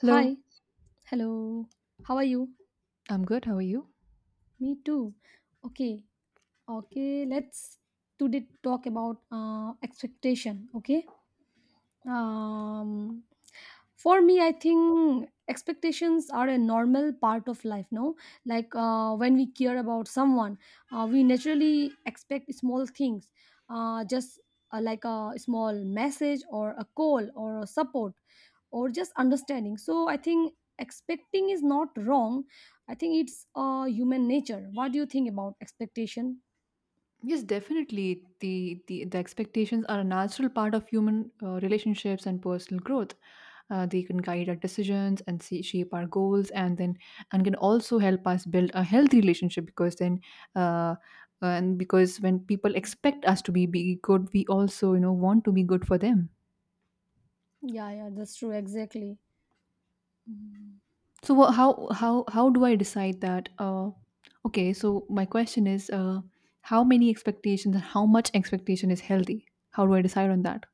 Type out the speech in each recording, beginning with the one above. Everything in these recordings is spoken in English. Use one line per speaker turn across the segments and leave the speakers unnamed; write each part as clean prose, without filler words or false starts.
Hello,
Hi, hello. How are you?
I'm good. How are you?
Me too. Okay, okay. Let's today talk about expectation. Okay. Um, for me, I think expectations are a normal part of life. No, like when we care about someone, we naturally expect small things, just like a small message or a call or a support. Or just understanding. So I think expecting is not wrong. I think it's human nature. What do you think about expectation?
Yes, definitely. The expectations are a natural part of human relationships and personal growth. They can guide our decisions and shape our goals, and then and can also help us build a healthy relationship. Because then, uh, and because when people expect us to be good, we also want to be good for them.
Yeah, yeah, that's true, exactly. Mhm.
So how do I decide that? Okay, so my question is, how many expectations and how much expectation is healthy? How do I decide on that?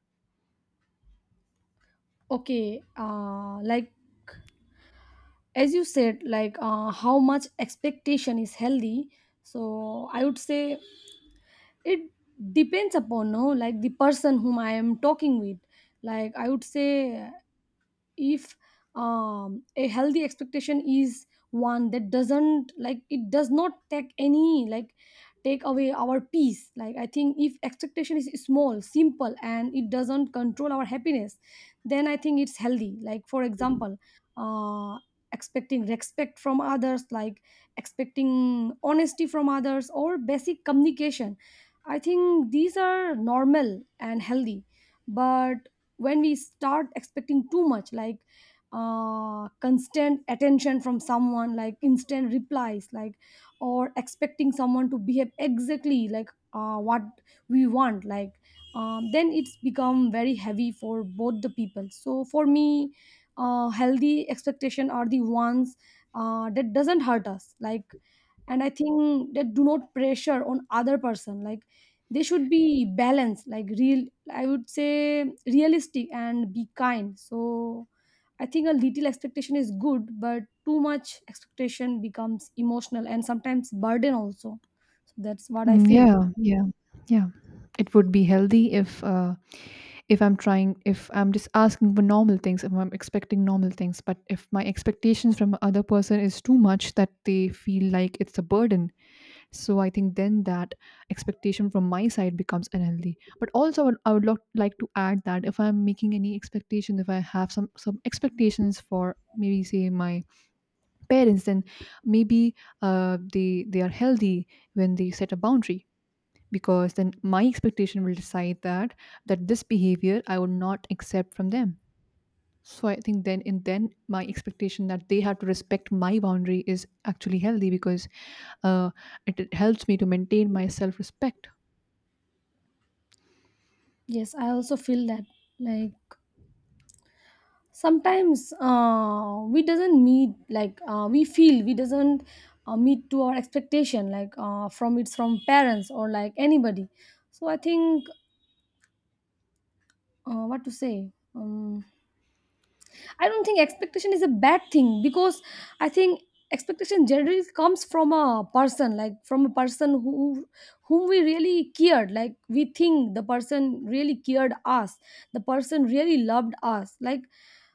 Okay, as you said, how much expectation is healthy. So I would say it depends upon, no, like the person whom I am talking with. Like I would say, if a healthy expectation is one that does not take any, take away our peace. Like I think if expectation is small, simple, and it doesn't control our happiness, then I think it's healthy. Like for example, uh expecting respect from others, like expecting honesty from others or basic communication. I think these are normal and healthy. But when we start expecting too much, like constant attention from someone, like instant replies, like or expecting someone to behave exactly like what we want, like then it's become very heavy for both the people. So for me, healthy expectation are the ones that doesn't hurt us, like and I think that do not pressure on other person, like they should be balanced, like real I would say realistic and be kind. So I think a little expectation is good, but too much expectation becomes emotional and sometimes burden also. So that's what I
Mm,
feel.
yeah, yeah, yeah. It would be healthy if I'm trying if I'm just asking for normal things, if I'm expecting normal things, but if my expectations from other person is too much that they feel like it's a burden, so I think then that expectation from my side becomes unhealthy. But also I would like to add that if I'm making any expectation, if I have some expectations for, maybe say, my parents, then maybe they are healthy when they set a boundary, because then my expectation will decide that this behavior I would not accept from them. So I think then my expectation that they have to respect my boundary is actually healthy because uh, it helps me to maintain my self respect.
Yes, I also feel that. Like sometimes we feel we doesn't meet to our expectation, like from, it's from parents or like anybody. So I think, what to say, um, I don't think expectation is a bad thing, because I think expectation generally comes from a person, like from a person who, whom we really cared. Like we think the person really cared us, the person really loved us. Like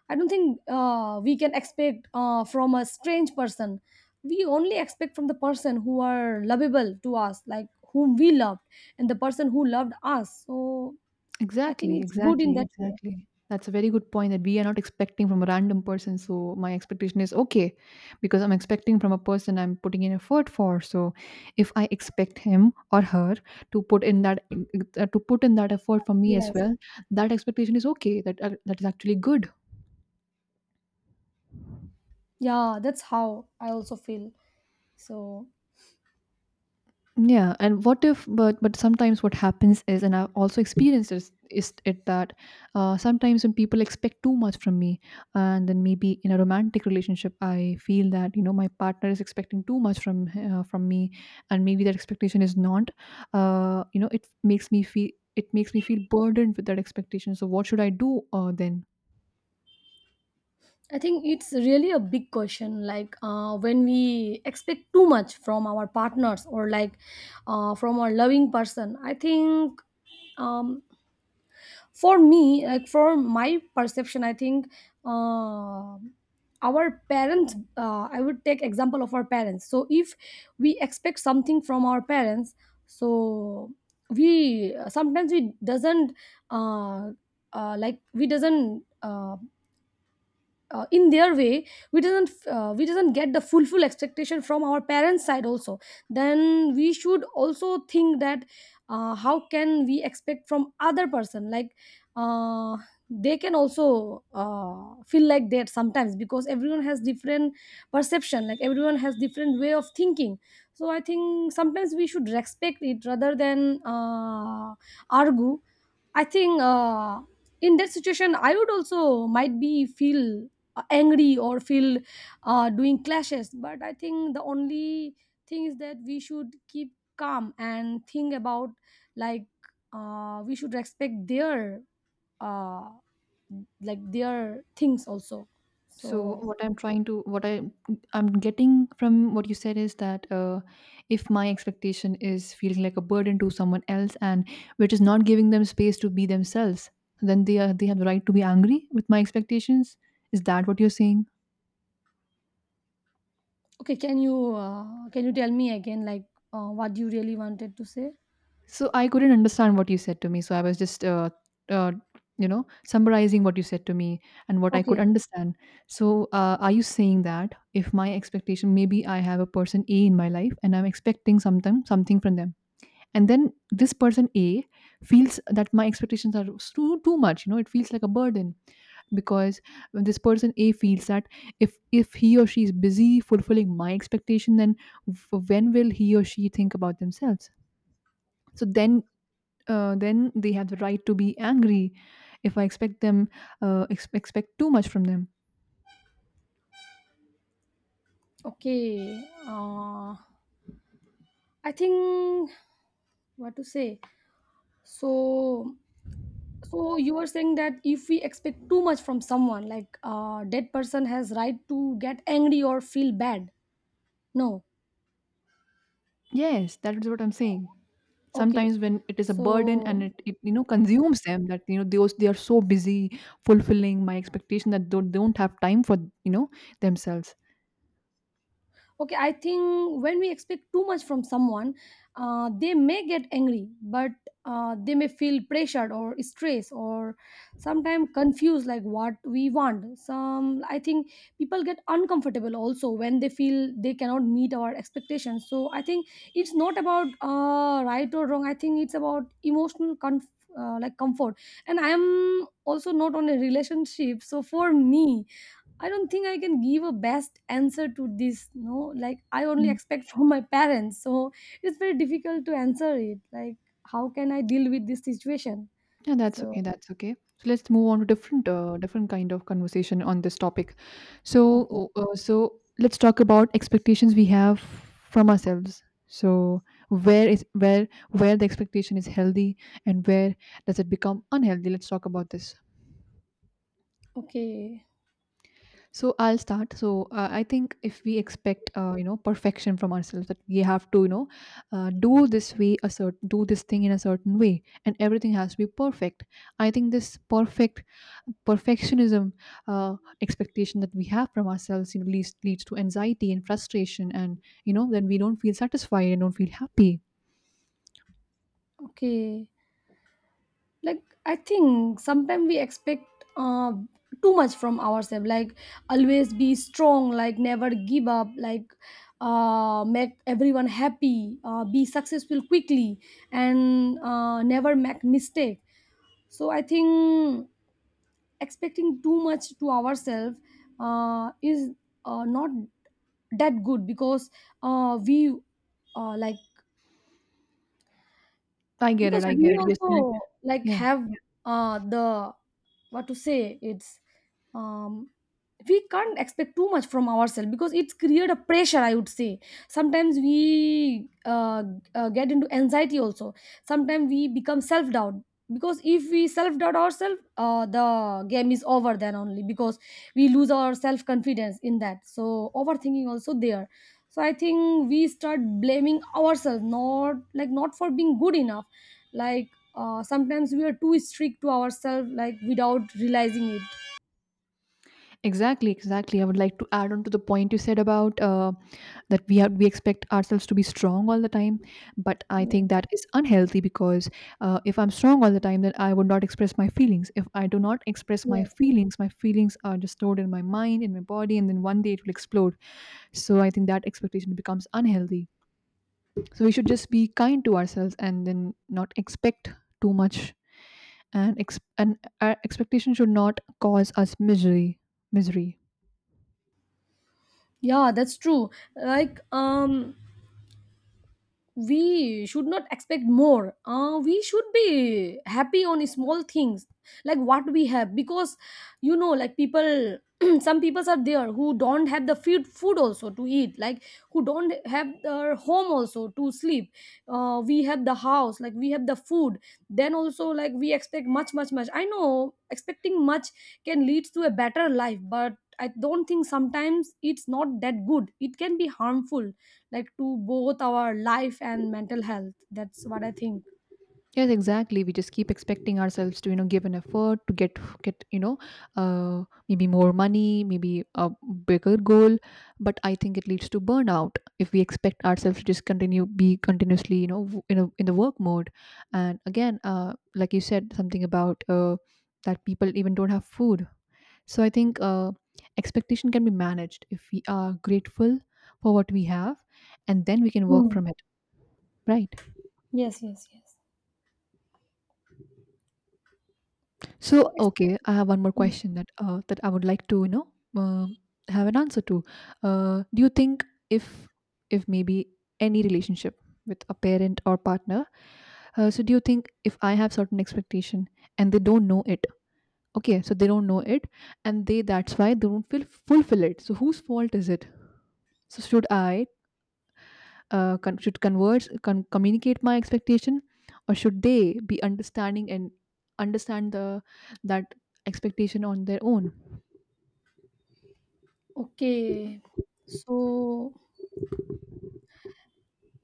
I don't think we can expect from a strange person. We only expect from the person who are lovable to us, like whom we loved, and the person who loved us. So I think
Exactly,
it's good in
exactly,
that way.
exactly. That's a very good point that we are not expecting from a random person. So my expectation is okay because I'm expecting from a person I'm putting in effort for. So if I expect him or her to put in that to put in that effort for me as
Yes.
well, that expectation is okay. That that is actually good.
Yeah, that's how I also feel. So
Yeah, and what if, but but sometimes what happens is, and I've also experienced this, is it that sometimes when people expect too much from me, and then maybe in a romantic relationship, I feel that my partner is expecting too much from me, and maybe that expectation is not, you know, it makes me feel, it makes me feel burdened with that expectation. So what should I do then?
I think it's really a big question. Like when we expect too much from our partners or like from our loving person, I think. Um, for me, like for my perception, I think, uh, our parents, I would take example of our parents. So if we expect something from our parents, so we sometimes we doesn't uh, like we doesn't in their way we doesn't get the full full expectation from our parents' side also. Then we should also think that, how can we expect from other person. Like uh, they can also feel like that sometimes, because everyone has different perception, like everyone has different way of thinking. So I think sometimes we should respect it rather than argue. I think in that situation, I would also might be feel angry or feel doing clashes. But I think the only thing is that we should keep calm and think about, like we should respect their uh, like their things also.
So
So
what I'm trying to what I I'm getting from what you said is that if my expectation is feeling like a burden to someone else and which is not giving them space to be themselves, then they have the right to be angry with my expectations. Is that what you're saying?
okay, can you tell me again, like what you really wanted to say?
So I couldn't understand what you said to me. So I was just uh, you know, summarizing what you said to me and what I could
Okay.
understand. So are you saying that if my expectation, maybe I have a person A in my life and I'm expecting something from them, and then this person a feels that my expectations are too much, you know, it feels like a burden because when this person a feels that if he or she is busy fulfilling my expectation, then when will he or she think about themselves? So then they have the right to be angry if I expect them expect too much from them.
okay uh, I think, what to say, so, so you are saying that if we expect too much from someone, like a dead person has right to get angry or feel bad? No.
Yes, that is what I'm saying.
Okay,
Sometimes when it is a burden and
so
it, you know, consumes them, that you know those they are so busy fulfilling my expectation that they don't have time for, you know, themselves.
okay, I think when we expect too much from someone, they may get angry, but they may feel pressured or stressed or sometimes confused, like what we want some. I think people get uncomfortable also when they feel they cannot meet our expectations. So I think it's not about right or wrong. I think it's about emotional comfort. And I am also not on a relationship, so for me, I don't think I can give a best answer to this. No, like I only
Mm.
expect from my parents, so it's very difficult to answer it. Like, how can I deal with this situation?
Yeah, that's
So,
okay. That's okay. So let's move on to different kind of conversation on this topic.
okay,
So so let's talk about expectations we have from ourselves. So where the expectation is healthy and where does it become unhealthy? Let's talk about this.
okay,
So I'll start. So I think if we expect, you know, perfection from ourselves, that we have to, you know, do this way, a certain, do this thing in a certain way, and everything has to be perfect. I think this perfectionism uh, expectation that we have from ourselves, you know, leads to anxiety and frustration, and you know, then we don't feel satisfied and don't feel happy.
okay. Like, I think sometimes we expect uh, too much from ourselves. Like, always be strong. Like, never give up. Like, make everyone happy. Be successful quickly, and never make mistake. So, I think expecting too much to ourselves is not that good, because uh, we uh, like
I get it. I get
we
it. You're saying,
also
yeah.
have the what to say, it's um, we can't expect too much from ourselves because it's create a pressure, I would say. Sometimes we get into anxiety also. Sometimes we become self-doubt, because if we self-doubt ourselves, the game is over then only, because we lose our self-confidence in that. So overthinking also there. So I think we start blaming ourselves, not like not for being good enough. Like sometimes we are too strict to ourselves like without realizing it.
Exactly, exactly. I would like to add on to the point you said about that we have we expect ourselves to be strong all the time, but I
Yes,
think that is unhealthy because if I'm strong all the time, then I would not express my feelings. If I do not express
yes.
my feelings are just stored in my mind, in my body, and then one day it will explode. So I think that expectation becomes unhealthy. So we should just be kind to ourselves and then not expect too much, and our expectation should not cause us misery. Misery.
Yeah, that's true. Like, we should not expect more. We should be happy on small things, like what we have, because you know, like people some peoples are there who don't have the food also to eat, like who don't have their home also to sleep. We have the house, like we have the food, then also like we expect much, much, much. I know expecting much can lead to a better life, but I don't think, sometimes it's not that good, it can be harmful, like to both our life and mental health. That's what I think.
Yes, exactly. We just keep expecting ourselves to, you know, give an effort to get, you know, uh, maybe more money, maybe a bigger goal. But I think it leads to burnout if we expect ourselves to just continue be continuously, you know, in the work mode. And again, like you said, something about that people even don't have food. So I think expectation can be managed if we are grateful for what we have, and then we can work
Mm.
from it. Right.
Yes, yes, yes.
So,
so ex-
okay, I have one more
Mm.
question that that I would like to, you know, uh, have an answer to. Do you think if if maybe any relationship with a parent or partner, so do you think if I have certain expectation and they don't know it, okay, so they don't know it, and they that's why they don't feel fulfill it. So whose fault is it? So should I con- should converse, communicate my expectation, or should they be understanding and understand the that expectation on their own?
Okay, so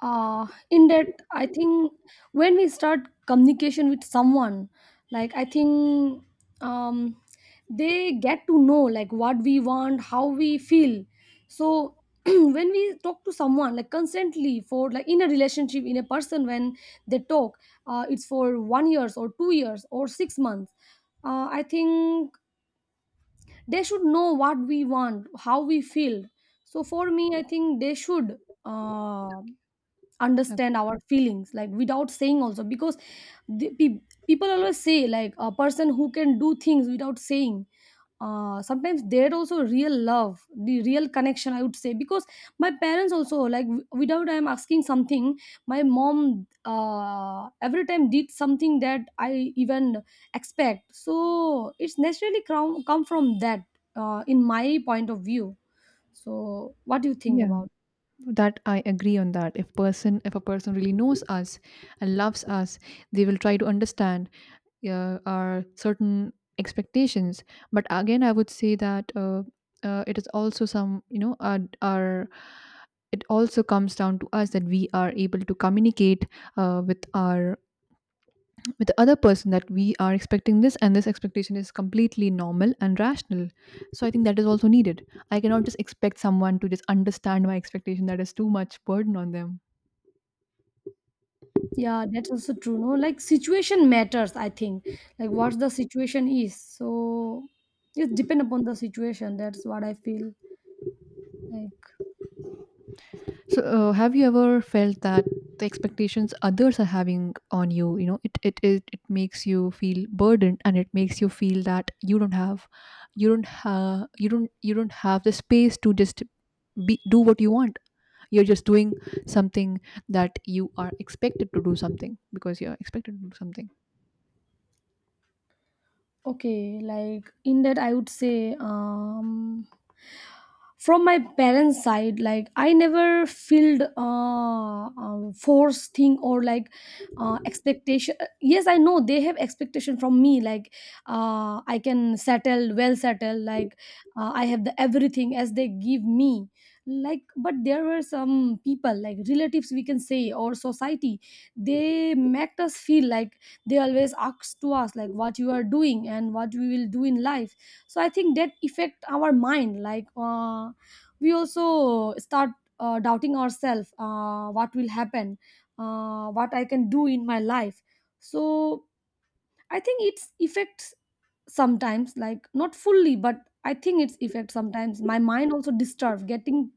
in that I think, when we start communication with someone, like I think, um they get to know like what we want, how we feel. So when we talk to someone like constantly, for like in a relationship, in a person when they talk, it's for 1 year or 2 years or 6 months, I think they should know what we want, how we feel. So for me, I think they should
Okay.
understand our feelings, like without saying also, because the, pe- people always say, like a person who can do things without saying, sometimes there also real love, the real connection, I would say, because my parents also, like without I am asking something, my mom every time did something that I even expect. So it's naturally come from that, in my point of view. So what do you think
Yeah. Yeah.
about?
That I agree on that, if person if a person really knows us and loves us, they will try to understand our certain expectations. But again I would say that it is also some, you know, our, it also comes down to us that we are able to communicate uh, with our with the other person that we are expecting this, and this expectation is completely normal and rational. So I think that is also needed. I cannot just expect someone to just understand my expectation. That is too much burden on them.
Yeah, that's also true. No, like situation matters, I think. Like what the situation is. So it depend upon the situation. That's what I feel like.
So have you ever felt that the expectations others are having on you, you know, it makes you feel burdened, and it makes you feel that you don't have, you don't have the space to just be, do what you want? You're just doing something, that you are expected to do something because you're expected to do something.
Okay, like in that, I would say, from my parents' side, like I never felt forced thing or like expectation. Yes, I know they have expectation from me. Like I can settle, well settle. Like I have the everything as they give me. Like, but there were some people, like relatives, we can say, or society. They make us feel like they always ask to us like what you are doing and what we will do in life. So I think that affect our mind. Like we also start doubting ourselves, what will happen, what I can do in my life. So I think it's affects sometimes, like not fully, but I think it's effect sometimes. My mind also disturbed, getting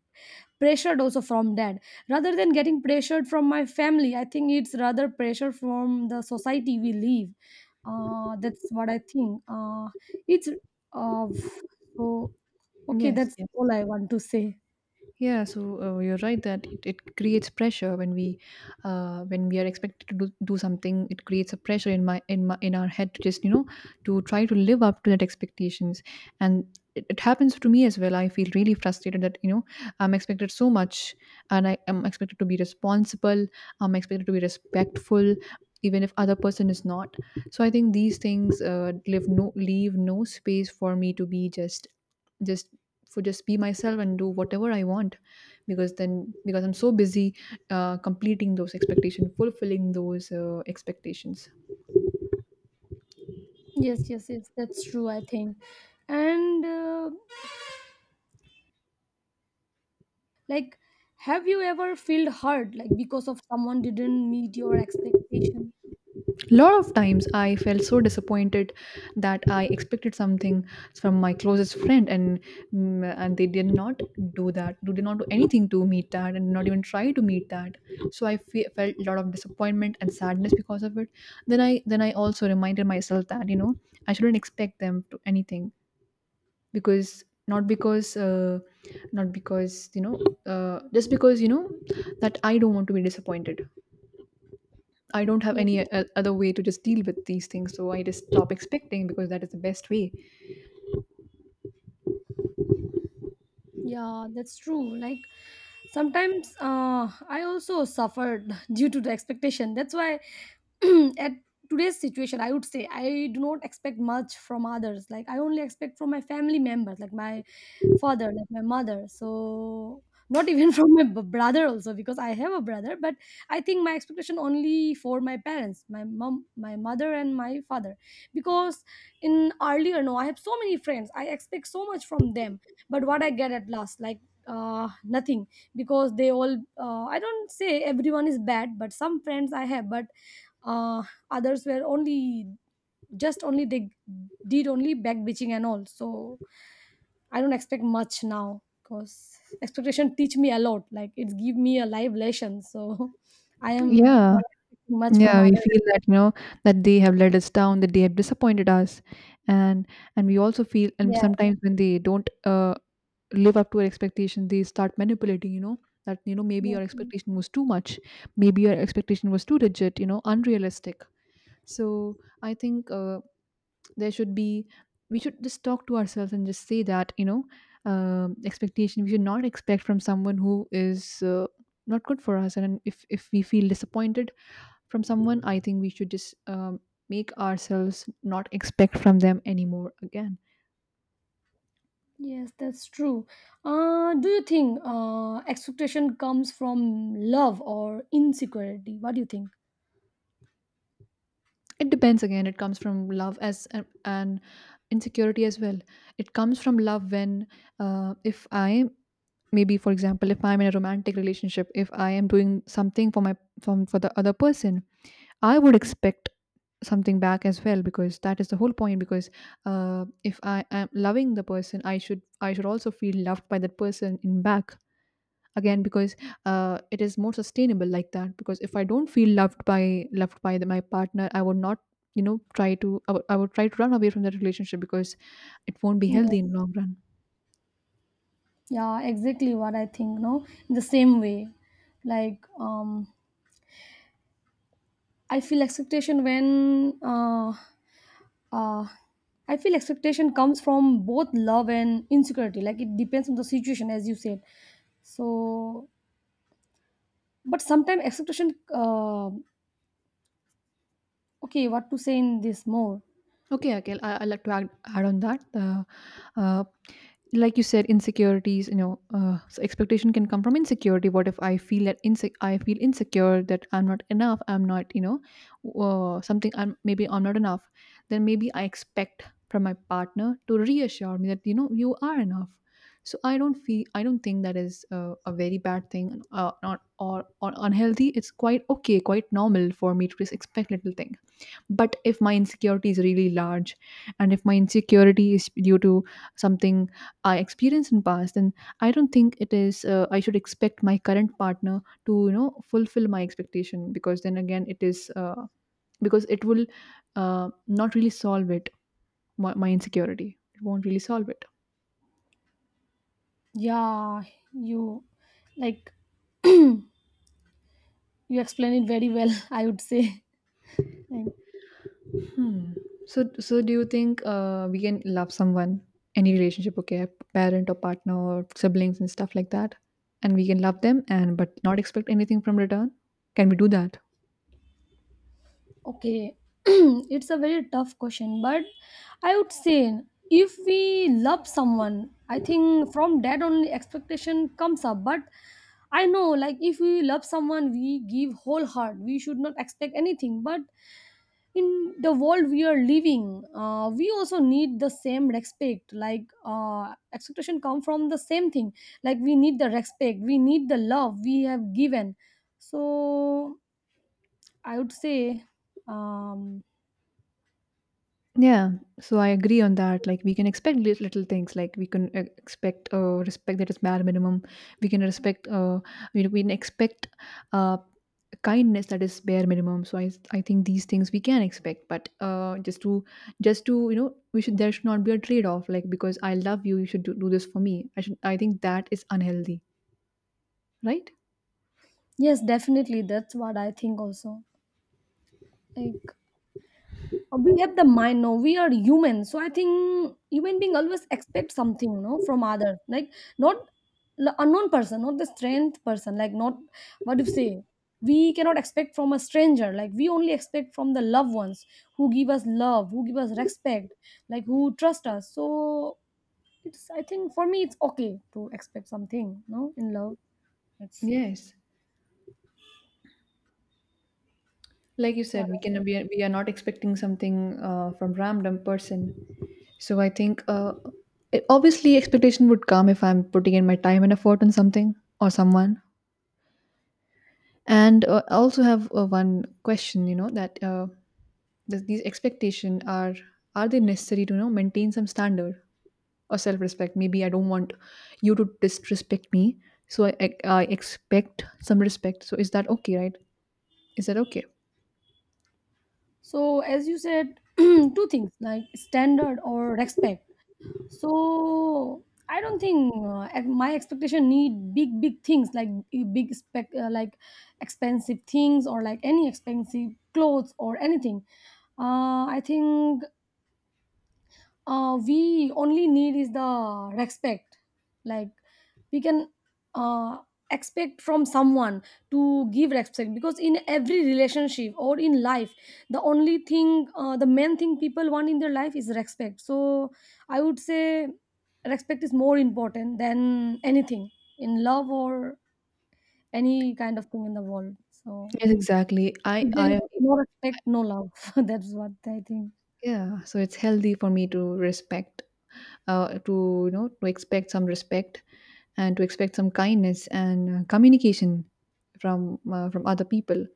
pressured also from dad, rather than getting pressured from my family. I think it's rather pressure from the society we live. That's what I think. It's uh, so okay,
Yes,
that's
yes.
all I want to say.
Yeah, so you're right that it creates pressure when we are expected to do something. It creates a pressure in my in my in our head to just, you know, to try to live up to that expectations. And it happens to me as well. I feel really frustrated that, you know, I'm expected so much, and I am expected to be responsible. I'm expected to be respectful, even if other person is not. So I think these things leave no space for me to be just for just be myself and do whatever I want because then because I'm so busy completing those expectations, fulfilling those expectations.
Yes, yes, yes, that's true, I think. And like, have you ever felt hurt, like, because of someone didn't meet your expectation?
A lot of times I felt so disappointed that I expected something from my closest friend, and they did not do that they did not do anything to meet that, and not even try to meet that. So I felt a lot of disappointment and sadness because of it. Then I also reminded myself that I shouldn't expect them to anything, because not because not because you know just because you know that I don't want to be disappointed. I don't have any other way to just deal with these things, so I just stop expecting, because that is the best way.
Yeah, that's true. Like sometimes I also suffered due to the expectation. That's why at today's situation I would say I do not expect much from others, like I only expect from my family members, like my father, like my mother. So not even from my brother also, because I have a brother. But I think my expectation only for my parents, my mom, my mother and my father. Because in earlier, no, I have so many friends, I expect so much from them, but what I get at last, like nothing. Because they all I don't say everyone is bad, but some friends I have, but uh, others were only, just only they did only back bitching and all. So I don't expect much now, because expectation teach me a lot, like it give me a live lesson. So I am
Yeah.
not expecting much from
Yeah, we
others.
feel that that they have let us down, that they have disappointed us. and and we also feel, and
Yeah.
sometimes when they don't live up to our expectation, they start manipulating, that maybe your
Yes, yes.
expectation was too much, maybe your expectation was too rigid, you know, unrealistic. So I think there should be, we should just talk to ourselves and just say that expectation, we should not expect from someone who is not good for us. And if we feel disappointed from someone, I think we should just make ourselves not expect from them anymore. Again,
Yes, that's true. Do you think expectation comes from love or insecurity? What do you think?
it depends. Again, it comes from love and insecurity as well. It comes from love when if I, maybe for example, if I'm in a romantic relationship, if I am doing something for my, from for the other person, I would expect something back as well, because that is the whole point. Because if I am loving the person, I should also feel loved by that person in back, again, because it is more sustainable like that. Because if I don't feel loved by my partner, I would not, you know, try to I would try to run away from that relationship, because it won't be healthy in
Yes.
the long run.
Yeah, exactly what I think, no, in the same way. Like I feel expectation when uh, I feel expectation comes from both love and insecurity. Like it depends on the situation, as you said. So, but sometimes expectation. Okay, what to say in this more?
Okay, Akhil, I like to add on that. Uh, like you said, insecurities, you know, so expectation can come from insecurity. What if I feel that I feel insecure that I'm not enough, I'm not, you know, something, I'm, maybe I'm not enough. Then maybe I expect from my partner to reassure me that, you know, you are enough. So I don't feel, I don't think that is a very bad thing not, or unhealthy. It's quite okay, quite normal for me to just expect little things. But if my insecurity is really large, and if my insecurity is due to something I experienced in past, then I don't think it is, I should expect my current partner to, you know, fulfill my expectation, because then again it is because it will not really solve it. My insecurity, it won't really solve it.
Yeah, you like, you explain it very well. I would say. Like,
Hmm. So, so do you think we can love someone, any relationship, okay, parent or partner or siblings and stuff like that, and we can love them and but not expect anything from return? Can we do that?
okay, it's a very tough question, but I would say, if we love someone, I think from that only expectation comes up. But I know, like, if we love someone, we give whole heart. We should not expect anything. But in the world we are living, we also need the same respect. Like, expectation come from the same thing. Like, we need the respect. We need the love we have given. So I would say. Um,
Yeah. So I agree on that. Like we can expect little things. Like we can expect respect, that is bare minimum. We can respect. We can expect uh, kindness, that is bare minimum. So I think these things we can expect, but just to you know, we should there should not be a trade off, like, because I love you, you should do this for me. I think that is unhealthy, right?
Yes, definitely. That's what I think also. Like we have the mind, no, we are human. So I think human being always expect something, no, from other. Like not the unknown person, not the strength person. Like not, what do you say? We cannot expect from a stranger. Like we only expect from the loved ones who give us love, who give us respect, like who trust us. So it's, I think for me it's okay to expect something, no, in love. It's
Yes, like you
it's what
said, we
I
can,
think.
we are not expecting something from random person. So I think obviously expectation would come if I'm putting in my time and effort on something or someone. And I also have one question, you know, that does these expectation are they necessary to, you know, maintain some standard or self respect? Maybe I don't want you to disrespect me, so I expect some respect. So is that okay, right? Is that okay?
So, as you said, two things, like standard or respect. So, I don't think my expectation need big, big things, like big like expensive things or like any expensive clothes or anything. I think we only need is the respect, like we can uh, expect from someone to give respect, because in every relationship or in life, the only thing, the main thing people want in their life is respect. So I would say respect is more important than anything in love or any kind of thing in the world. So
Yes, exactly. I
if there
I
is
am
no respect, no love. That's what I think.
Yeah. So it's healthy for me to respect, to you know, to expect some respect and to expect some kindness and communication from other people.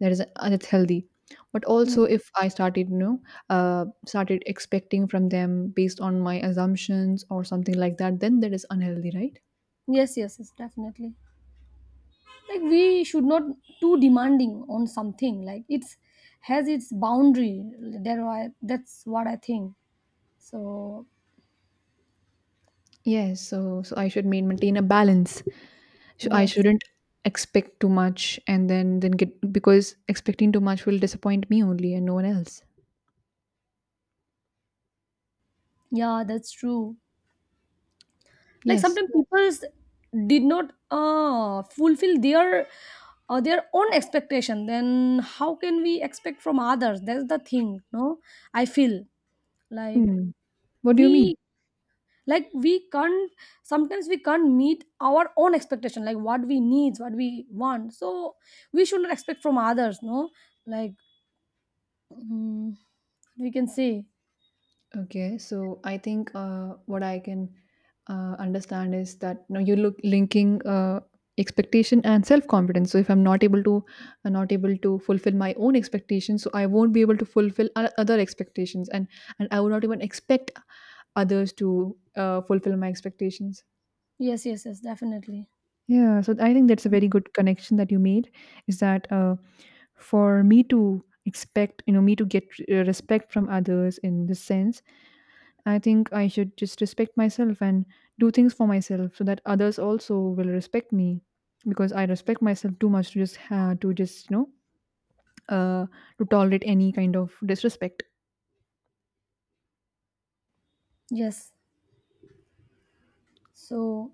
That is that's healthy. But also
Mm.
if I started, you know, uh, started expecting from them based on my assumptions or something like that, then that is unhealthy, right?
Yes, yes, yes, definitely. Like we should not too demanding on something, like it's has its boundary. There are, that's what I think. So
Yes. So so I should maintain a balance. So I
yes.
shouldn't expect too much and then get, because expecting too much will disappoint me only and no one else.
Yeah, that's true. Like
Yes.
sometimes people did not fulfill their own expectation, then how can we expect from others? That's the thing, no. I feel like
Hmm. What do you mean?
we, like we can't, sometimes we can't meet our own expectation, like what we needs, what we want. So we should not expect from others, no. Like mm, we can say.
Okay, so I think what I can understand is that, you know, you look linking expectation and self confidence. So if I'm not able to not able to fulfill my own expectations, so I won't be able to fulfill other expectations, and I will not even expect others to fulfill my expectations.
Yes, yes, yes, definitely.
Yeah, so I think that's a very good connection that you made, is that for me to expect, you know, me to get respect from others in this sense, I think I should just respect myself and do things for myself so that others also will respect me, because I respect myself too much to just you know, uh, to tolerate any kind of disrespect.
Yes. So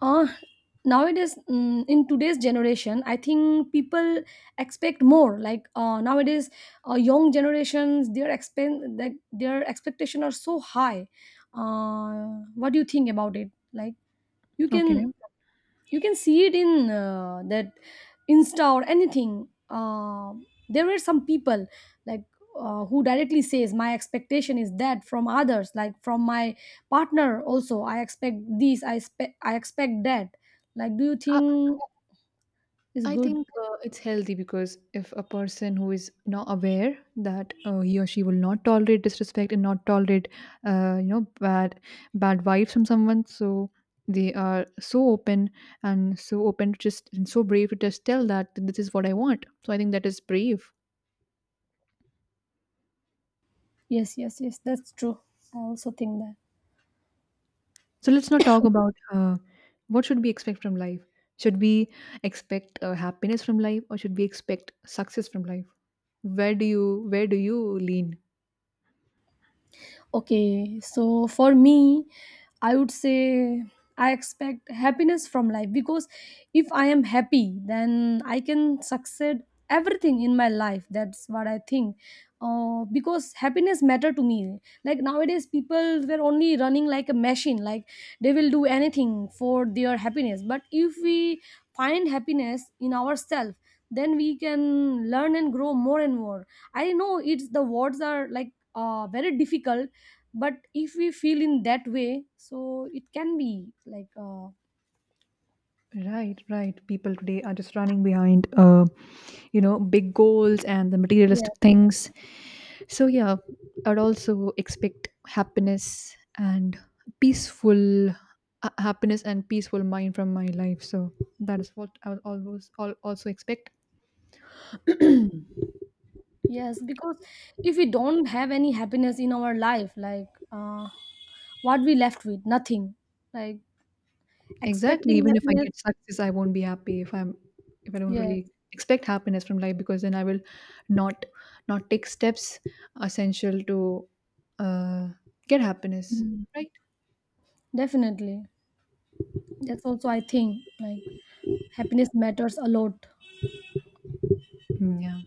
uh nowadays mm, in today's generation I think people expect more, like nowadays young generations, their like their expectation are so high. uh, what do you think about it? Like you can,
Okay.
you can see it in that Insta or anything. There were some people, like who directly says my expectation is that from others, like from my partner also, I expect this, I expect, I expect that. Like, do you think is
I
good?
think it's healthy, because if a person who is not aware that he or she will not tolerate disrespect and not tolerate you know, bad vibes from someone, so they are so open and so open to just and so brave to just tell that this is what I want. So I think that is brave.
Yes, yes, yes, that's true. I also think that.
So let's not talk about what should we expect from life. Should we expect happiness from life, or should we expect success from life? Where do you, lean?
Okay, so for me, I would say I expect happiness from life, because if I am happy, then I can succeed everything in my life. That's what I think. Because happiness matter to me. Like nowadays, people were only running like a machine. Like they will do anything for their happiness. But if we find happiness in ourselves, then we can learn and grow more and more. I know it's, the words are like very difficult, but if we feel in that way, so it can be like
Right, right. People today are just running behind, you know, big goals and the
Yeah.
materialistic things. So yeah, I'd also expect happiness and peaceful, happiness and peaceful mind from my life. So that is what I would always also expect.
Yes, because if we don't have any happiness in our life, like what we left with nothing, like
Exactly.
expecting
Even if I
happiness.
get success, I won't be happy if I'm, if I don't
Exactly. Yes.
really expect happiness from life, because then I will not, not take steps essential to uh, get happiness.
Mm.
Right.
Definitely. That's also I think, like happiness matters a lot.
Mm. Yeah,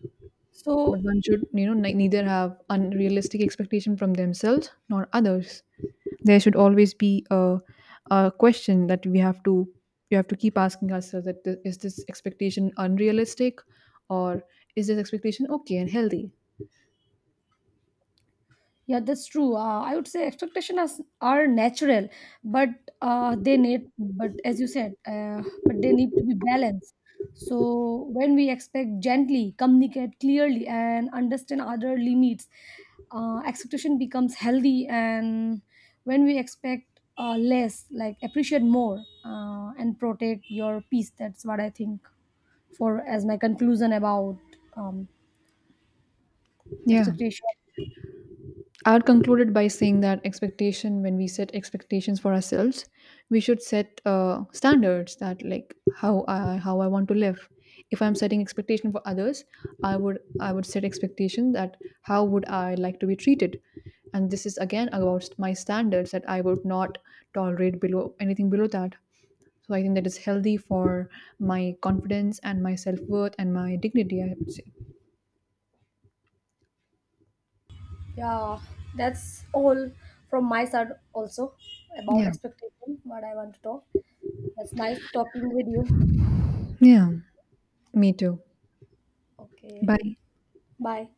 but
So
one should, you know, neither have unrealistic expectation from themselves nor others. There should always be a question that we have to, keep asking ourselves that is this expectation unrealistic, or is this expectation okay and healthy?
yeah, that's true. I would say expectations are natural, but they need, but as you said, but they need to be balanced. So when we expect gently, communicate clearly, and understand other limits, expectation becomes healthy. And when we expect less, like appreciate more and protect your peace. That's what I think for as my conclusion about um,
Yeah.
expectation.
I would concluded by saying that expectation, when we set expectations for ourselves, we should set standards, that like how I, want to live. If I'm setting expectation for others, I would set expectation that how would I like to be treated, and this is again about my standards, that I would not tolerate below, anything below that. So I think that is healthy for my confidence and my self worth and my dignity, I would say.
Yeah, that's all from my side also about
Yeah.
expectation, what I want to talk. That's nice talking with you.
Yeah. Me too.
Okay,
Bye.
bye.